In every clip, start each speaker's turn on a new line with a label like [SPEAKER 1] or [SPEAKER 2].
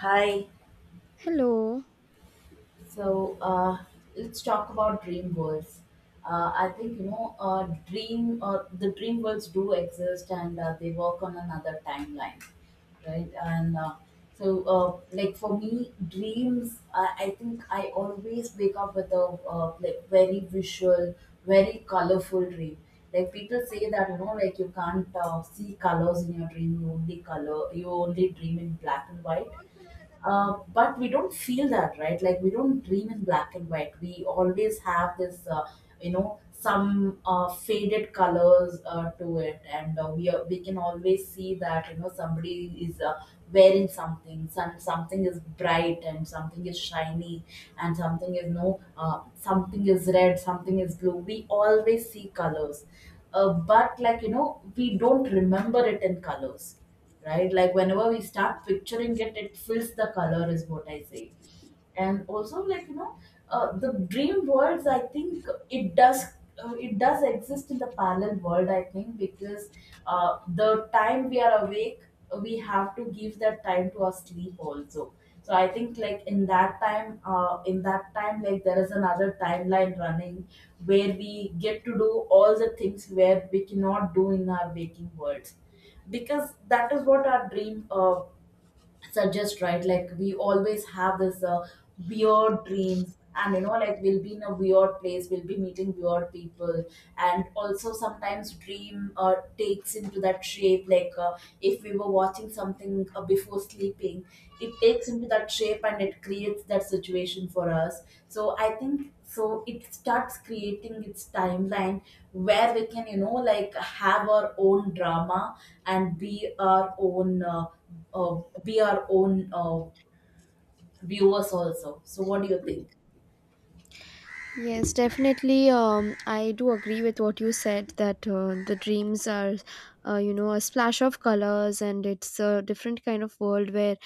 [SPEAKER 1] Hi.
[SPEAKER 2] Hello.
[SPEAKER 1] So uh, let's talk about dream worlds. I think you know, dream the dream worlds do exist, and they work on another timeline, right? Like for me, dreams, I think I always wake up with a like very visual, very colorful dream. Like people say that like you can't see colors in your dream. You only color. You only dream in black and white, but we don't feel that, right? Like we don't dream in black and white. We always have some faded colors to it, and we can always see that you know somebody is wearing something. Something is bright and something is shiny, and something is no, something is red, something is blue. We always see colors, but like you know, we don't remember it in colors, right? Like whenever we start picturing it, it fills the color, is what I say. And also like you know, the dream worlds, I think it does, it does exist in the parallel world, I think. Because the time we are awake, we have to give that time to our sleep also. So I think like in that time, like there is another timeline running where we get to do all the things where we cannot do in our waking worlds. Because that is what our dream suggest, right? Like we always have this weird dreams, and you know like we'll be in a weird place, we'll be meeting weird people. And also sometimes dream takes into that shape. Like if we were watching something before sleeping, it takes into that shape and it creates that situation for us. So I think so it starts creating its timeline where we can you know like have our own drama and be our own viewers also. So what do you think?
[SPEAKER 2] Yes, definitely. I do agree with what you said that the dreams are, you know, a splash of colors, and it's a different kind of world where,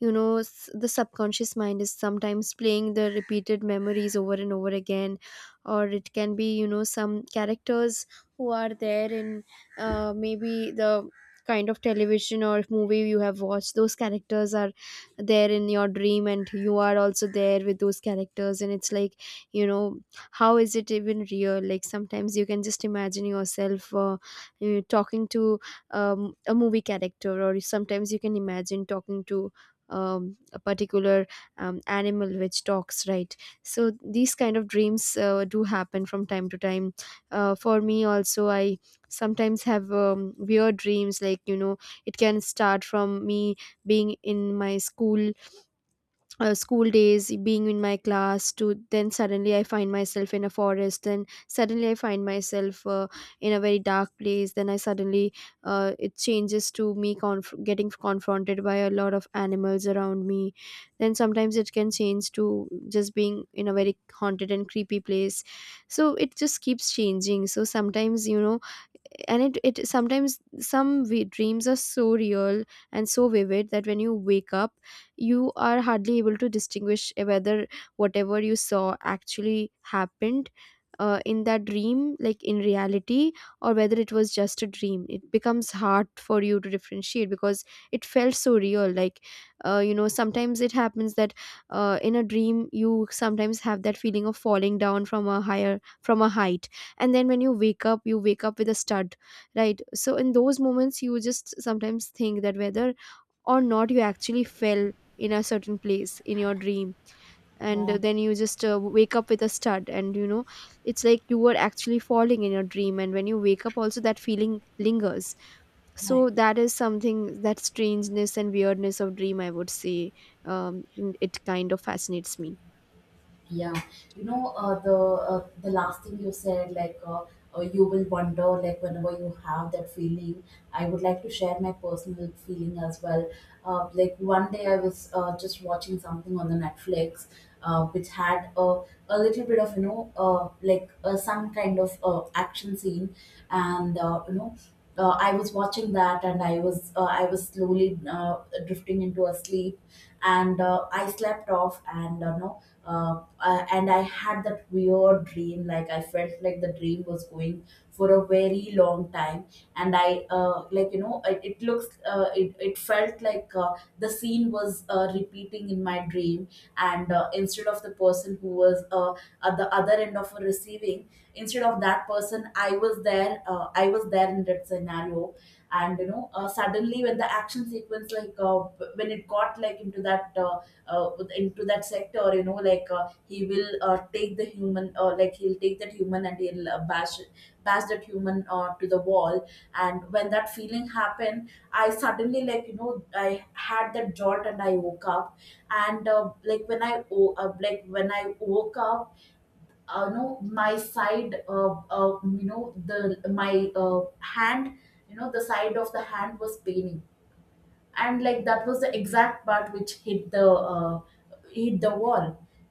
[SPEAKER 2] you know, the subconscious mind is sometimes playing the repeated memories over and over again, or it can be, you know, some characters who are there in maybe the kind of television or movie you have watched. Those characters are there in your dream, and you are also there with those characters. And it's like, you know, how is it even real? Like sometimes you can just imagine yourself you know, talking to a movie character, or sometimes you can imagine talking to a particular animal which talks, right? So these kind of dreams do happen from time to time. For me also, I sometimes have weird dreams, like, you know, it can start from me being in my school, school days, being in my class, to then suddenly I find myself in a forest, then suddenly I find myself in a very dark place, then I suddenly it changes to me getting confronted by a lot of animals around me. Then sometimes it can change to just being in a very haunted and creepy place. So it just keeps changing. So sometimes, you know, and it sometimes, dreams are so real and so vivid that when you wake up you are hardly able to distinguish whether whatever you saw actually happened in that dream, like in reality, or whether it was just a dream. It becomes hard for you to differentiate because it felt so real. Like you know, sometimes it happens that in a dream you sometimes have that feeling of falling down from a higher, from a height, and then when you wake up, you wake up with a stud, right? So in those moments, you just sometimes think that whether or not you actually fell in a certain place in your dream. And
[SPEAKER 1] Yeah,
[SPEAKER 2] then you just wake up with a stud, and it's like you were actually falling in your dream, and when you wake up also that feeling lingers.
[SPEAKER 1] I agree.
[SPEAKER 2] So that is something, that strangeness and weirdness of dream, I would say. um, it kind of fascinates me.
[SPEAKER 1] Yeah, you know, the last thing you said, like you will wonder, like whenever you have that feeling. I would like to share my personal feeling as well. Like one day I was just watching something on the Netflix, which had a little bit of you know some kind of action scene, and I was watching that, and I was slowly drifting into a sleep, and I slept off. And uh, no uh, uh, and I had that weird dream. Like I felt like the dream was going for a very long time, and I like you know it it felt like the scene was repeating in my dream. And instead of the person who was at the other end of a receiving, instead of that person I was there in that scenario. And you know, suddenly when the action sequence, like when it got like uh, into that sector, you know, like he will take the human, like he'll take that human and he'll bash that human to the wall. And when that feeling happened, I suddenly, like you know, I had that jolt and I woke up. And like when I woke up, you know my side you know the my hand, you know the side of the hand was paining. And like that was the exact part which hit the hit the wall.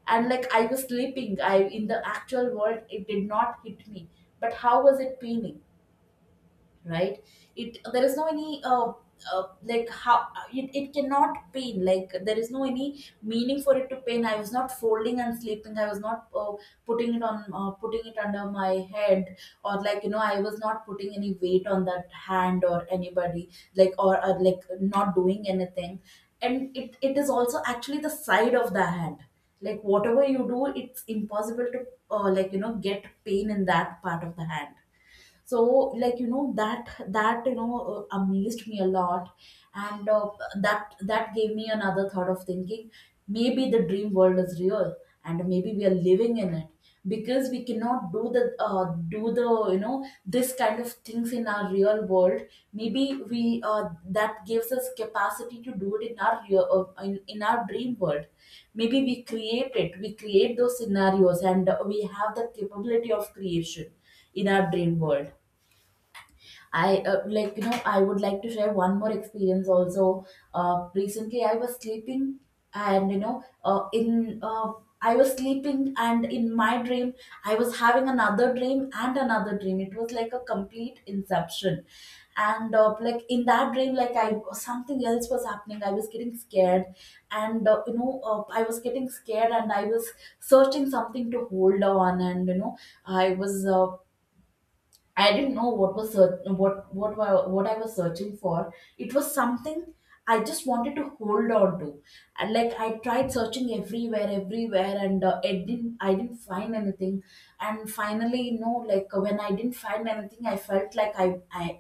[SPEAKER 1] And like I was sleeping, I in the actual world, it did not hit me. But how was it paining? Right? It, there is no any, like how it cannot pain. Like there is no any meaning for it to pain. I was not folding and sleeping. I was not putting it under my head, or like you know I was not putting any weight on that hand or anybody, like or like not doing anything. And it is also actually the side of the hand. Like whatever you do, it's impossible to like you know get pain in that part of the hand. So like you know that, that you know amazed me a lot. And that, that gave me another thought of thinking, maybe the dream world is real and maybe we are living in it. Because we cannot do the do the you know this kind of things in our real world. Maybe we that gives us capacity to do it in our in our dream world. Maybe we create it, we create those scenarios, and we have the capability of creation in our dream world. I Like you know, I would like to share one more experience also. Recently I was sleeping, and you know in I was sleeping, and in my dream I was having another dream and another dream. It was like a complete inception. And like in that dream, like I, something else was happening. I was getting scared. And I was getting scared and I was searching something to hold on, and you know I was I didn't know what I was searching for. It was something I just wanted to hold on to. And like I tried searching everywhere, everywhere, and I didn't, I didn't find anything. And finally, you know, like when I didn't find anything, I felt like I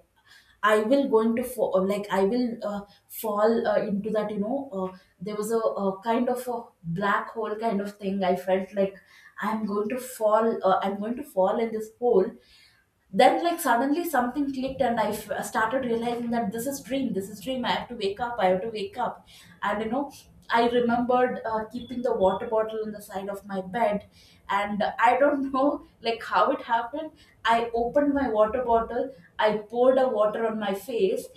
[SPEAKER 1] I will going to fall. Like I will uh, fall into that, you know, there was a kind of a black hole kind of thing. I felt like I'm going to fall, I'm going to fall in this hole. Then like suddenly something clicked and started realizing that this is dream, this is dream, I have to wake up, I have to wake up. And you know, I remembered keeping the water bottle on the side of my bed. And I don't know like how it happened. I opened my water bottle, I poured a water on my face,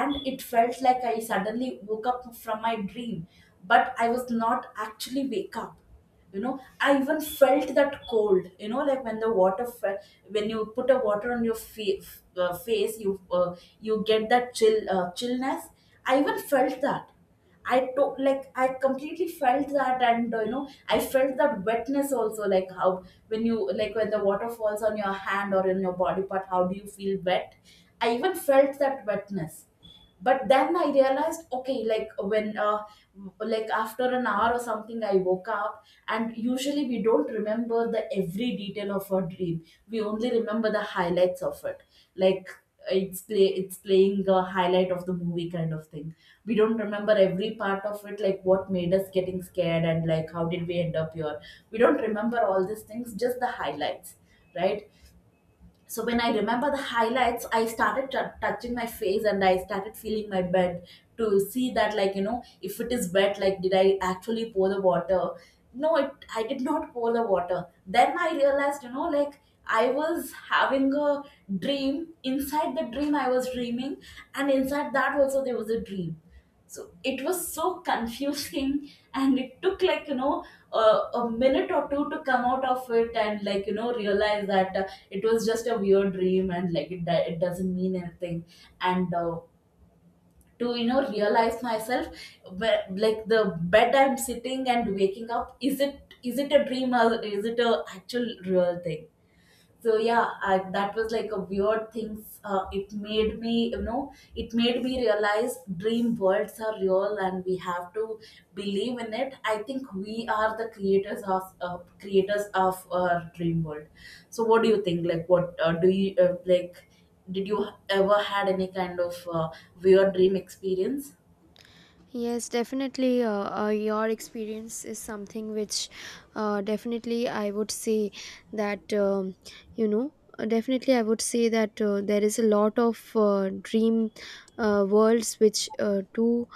[SPEAKER 1] and it felt like I suddenly woke up from my dream. But I was not actually wake up. You know, I even felt that cold, you know, like when you put a water on your face, you you get that chillness. I even felt that. I took, like, I completely felt that. And you know, I felt that wetness also. Like how, when you, like when the water falls on your hand or in your body part, how do you feel wet? I even felt that wetness. But then I realized, okay, like when like after an hour or something, I woke up. And usually we don't remember the every detail of our dream. We only remember the highlights of it. Like it's play it's playing a highlight of the movie kind of thing. We don't remember every part of it, like what made us getting scared and like how did we end up here. We don't remember all these things, just the highlights, right? So when I remember the highlights, I started touching my face and I started feeling my bed to see that, like you know, if it is wet, like did I actually pour the water. No, I did not pour the water. Then I realized, you know, like I was having a dream inside the dream. I was dreaming, and inside that also there was a dream. So it was so confusing and it took like you know a minute or two to come out of it. And like you know, realize that it was just a weird dream. And like it doesn't mean anything. And to you know realize myself where, like the bed I'm sitting and waking up, is it, is it a dream or is it a actual real thing. So yeah, that was like a weird thing. Uh, it made me, you know, it made me realize dream worlds are real and we have to believe in it. I think we are the creators of, creators of our dream world. So what do you think? Like what, do you like, did you ever had any kind of weird dream experience?
[SPEAKER 2] Yes, definitely. Your experience is something which, definitely, I would say that you know. Definitely, I would say that there is a lot of dream worlds which do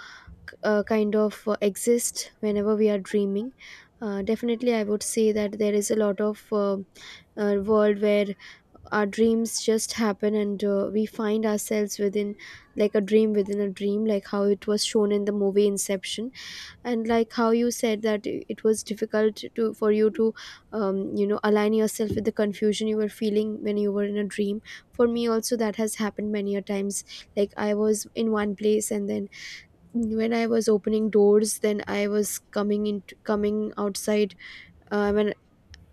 [SPEAKER 2] kind of exist whenever we are dreaming. Definitely, I would say that there is a lot of world where our dreams just happen, and we find ourselves within, like, a dream within a dream, like how it was shown in the movie Inception. And like how you said that, it was difficult to, for you to, you know, align yourself with the confusion you were feeling when you were in a dream. For me also, that has happened many a times. Like I was in one place, and then when I was opening doors, then I was coming into, coming outside, when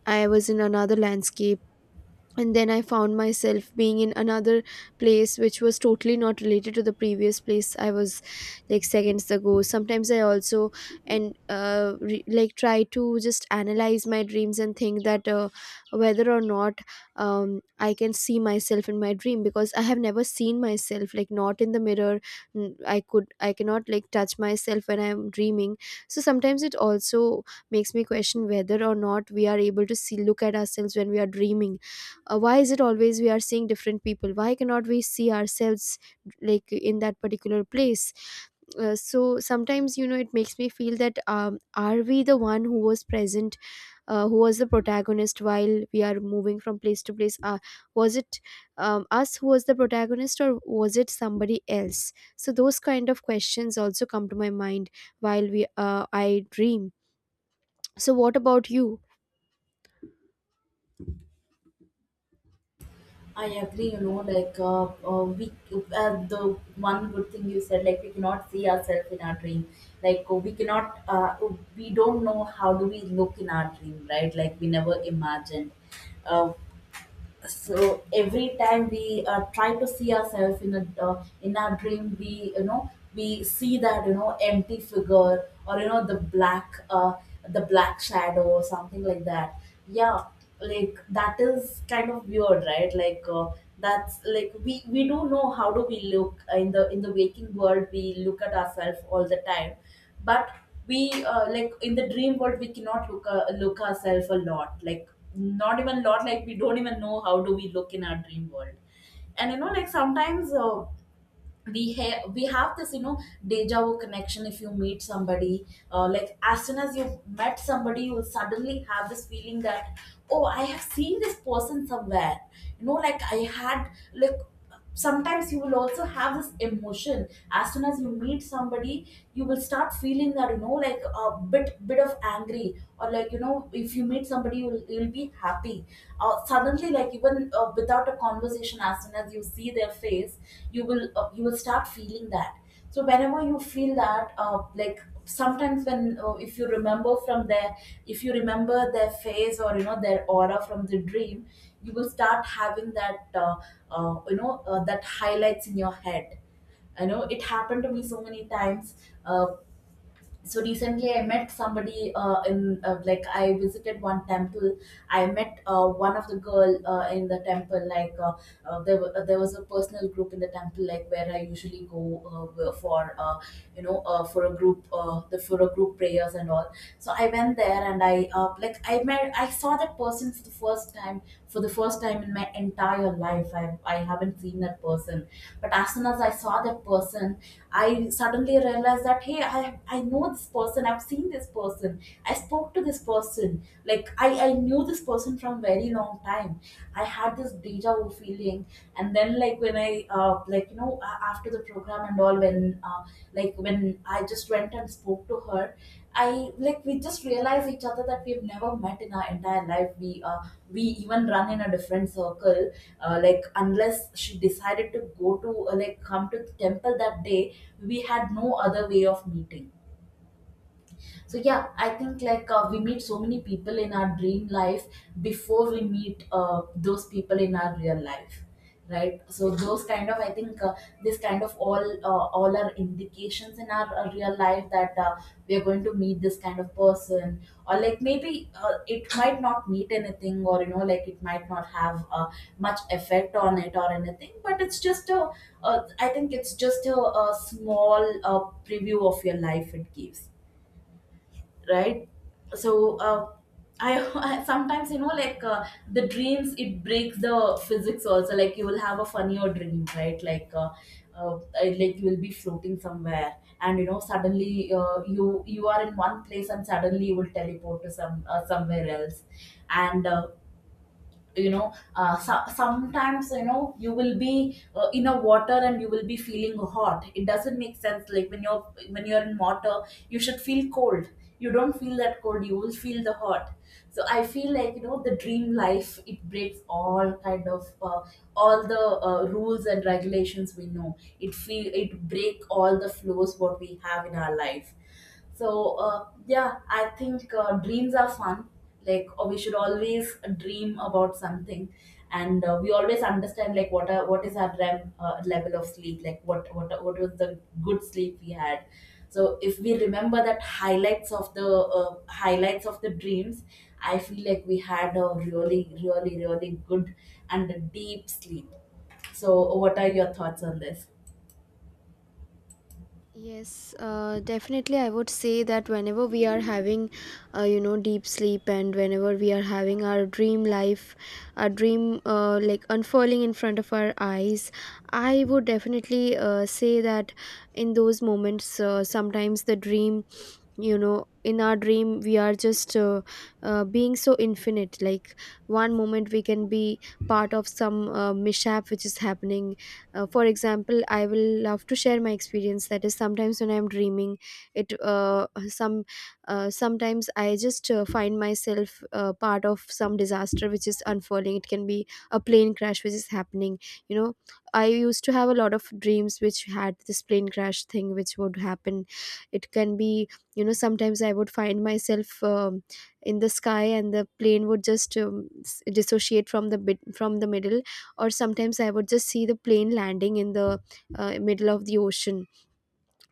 [SPEAKER 2] I was in another landscape, and then I found myself being in another place which was totally not related to the previous place I was, like, seconds ago. Sometimes I also, like, try to just analyze my dreams and think that whether or not, um, I can see myself in my dream, because I have never seen myself, like, not in the mirror. I could, I cannot, like, touch myself when I'm dreaming. So sometimes it also makes me question whether or not we are able to see, look at ourselves when we are dreaming. Why is it always we are seeing different people? Why cannot we see ourselves, like, in that particular place? So sometimes, you know, it makes me feel that, are we the one who was present, who was the protagonist while we are moving from place to place? Was it, us who was the protagonist, or was it somebody else? So those kind of questions also come to my mind while we I dream. So what about you?
[SPEAKER 1] I agree, you know, like we the one good thing you said, like we cannot see ourselves in our dream. We cannot, we don't know how do we look in our dream, right? Like we never imagined. Uh, so every time we try to see ourselves in a in our dream we we see that empty figure or the black shadow or something like that. Yeah. Like that is kind of weird, right? That's like we don't know how do we look in the waking world. We look at ourselves all the time, but we, like in the dream world we cannot look look ourselves a lot. Like not even a lot, like we don't even know how do we look in our dream world. And like sometimes, we have this deja vu connection if you meet somebody. Like as soon as you met somebody you will suddenly have this feeling that, oh, I have seen this person somewhere. You know like I had like Sometimes you will also have this emotion as soon as you meet somebody. You will start feeling that, like a bit of angry, or like if you meet somebody you'll be happy. Suddenly, like even without a conversation, as soon as you see their face, you will, you will start feeling that. So whenever you feel that, like sometimes when if you remember from their, if you remember their face or their aura from the dream, you will start having that, that highlights in your head. I know it happened to me so many times. Uh, so recently I met somebody in like I visited one temple. I met one of the girl in the temple, like there was a personal group in the temple, like where I usually go for you know for a group prayers and all. So I went there and I, like I met, I saw that person for the first time. For the first time in my entire life I haven't seen that person. But as soon as I saw that person, I suddenly realized that, hey, I know this person. I've seen this person. I spoke to this person. Like I knew this person from very long time. I had this deja vu feeling, and then, like when I, after the program and all, when like when I just went and spoke to her, I like we just realized each other that we've never met in our entire life. We even run in a different circle. Like unless she decided to go to like come to the temple that day, we had no other way of meeting. So yeah, I think like, we meet so many people in our dream life before we meet those people in our real life, right? So those kind of, I think this kind of all, all are indications in our real life that, we are going to meet this kind of person. Or like maybe, it might not meet anything, or like it might not have much effect on it or anything, but it's just a, I think it's just a small, preview of your life it gives, right? so uh, I, sometimes, the dreams, it breaks the physics also. Like you will have a funnier dream, right? Like you will be floating somewhere, and suddenly, you are in one place, and suddenly you will teleport to some, somewhere else. And you know so- Sometimes you will be, in a water and you will be feeling hot. It doesn't make sense, like when you're, when you're in water you should feel cold. You don't feel that cold, you will feel the hot. So I feel like, the dream life, it breaks all kind of, all the, rules and regulations we know. It feel it break all the flows what we have in our life. So yeah, I think, dreams are fun. We should always dream about something, and we always understand like what are, what is our REM level of sleep, like what was the good sleep we had. So if we remember that highlights of the, highlights of the dreams, I feel like we had a really, really, really good and a deep sleep. So what are your thoughts on this?
[SPEAKER 2] Yes, definitely. I would say that whenever we are having, you know, deep sleep, and whenever we are having our dream life, our dream like unfurling in front of our eyes, I would definitely say that in those moments, sometimes the dream, you know, in our dream we are just being so infinite. Like one moment we can be part of some mishap which is happening. For example, I will love to share my experience, that is, sometimes when I'm dreaming, it some sometimes I just find myself part of some disaster which is unfurling. It can be a plane crash which is happening. You know, I used to have a lot of dreams which had this plane crash thing which would happen. It can be, you know, sometimes I would find myself in the sky, and the plane would just dissociate from the bit, from the middle. Or sometimes I would just see the plane landing in the middle of the ocean,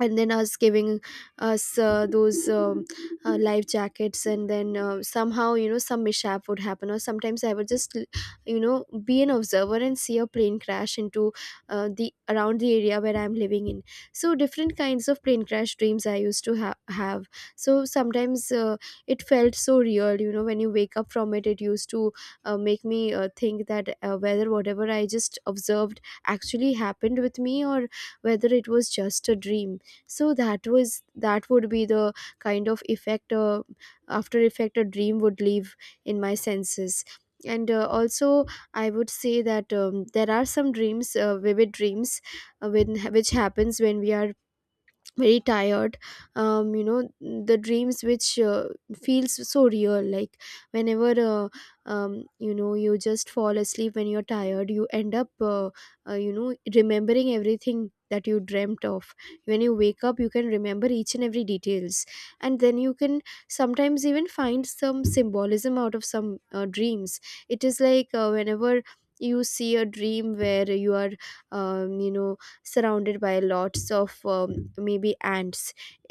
[SPEAKER 2] and then us giving us those life jackets, and then somehow, you know, some mishap would happen. Or sometimes I would just, you know, be an observer and see a plane crash into the, around the area where I'm living in. So different kinds of plane crash dreams I used to have. So sometimes it felt so real, you know. When you wake up from it, it used to make me think that whether whatever I just observed actually happened with me, or whether it was just a dream. So that was, that would be the kind of effect after effect a dream would leave in my senses. And also, I would say that there are some dreams, vivid dreams, when, which happens when we are very tired. You know, the dreams which feels so real, like, whenever um you know, you just fall asleep when you're tired, you end up you know, remembering everything that you dreamt of. When you wake up, you can remember each and every details. And then you can sometimes even find some symbolism out of some dreams. It is like whenever you see a dream where you are, you know, surrounded by lots of maybe ants.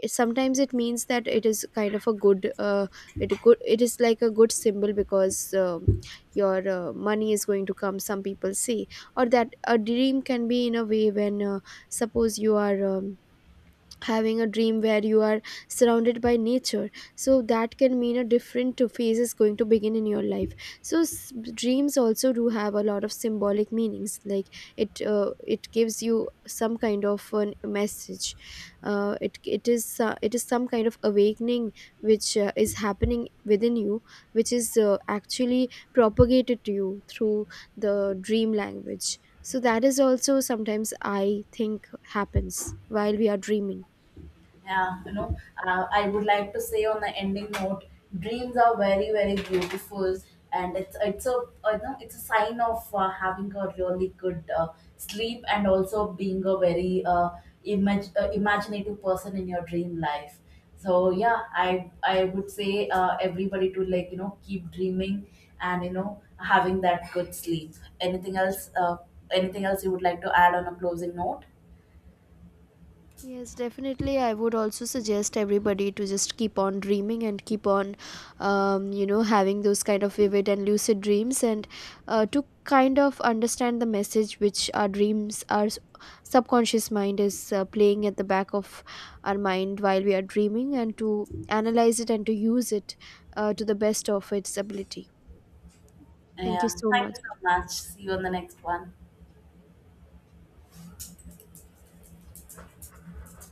[SPEAKER 2] Sometimes it means that it is kind of a good. It good, it is like a good symbol, because your money is going to come, some people say. Or that a dream can be in a way when suppose you are, having a dream where you are surrounded by nature, so that can mean a different phase is going to begin in your life. So dreams also do have a lot of symbolic meanings. Like it gives you some kind of an message. It is it is some kind of awakening which is happening within you, which is actually propagated to you through the dream language. So that is also sometimes, I think, happens while we are dreaming.
[SPEAKER 1] Yeah, you know, I would like to say on the ending note, dreams are very, very beautiful, and it's a, it's a sign of, having a really good, sleep, and also being a very, imaginative person in your dream life. So yeah, I would say everybody to, keep dreaming, and having that good sleep. Anything else? Anything else you would like to add on a closing note?
[SPEAKER 2] Yes, definitely. I would also suggest everybody to just keep on dreaming and keep on, you know, having those kind of vivid and lucid dreams, and to kind of understand the message which our dreams, our subconscious mind is playing at the back of our mind while we are dreaming, and to analyze it and to use it to the best of its ability. Thank you
[SPEAKER 1] Yeah,
[SPEAKER 2] so
[SPEAKER 1] thank you
[SPEAKER 2] much.
[SPEAKER 1] so much. See you on the next one.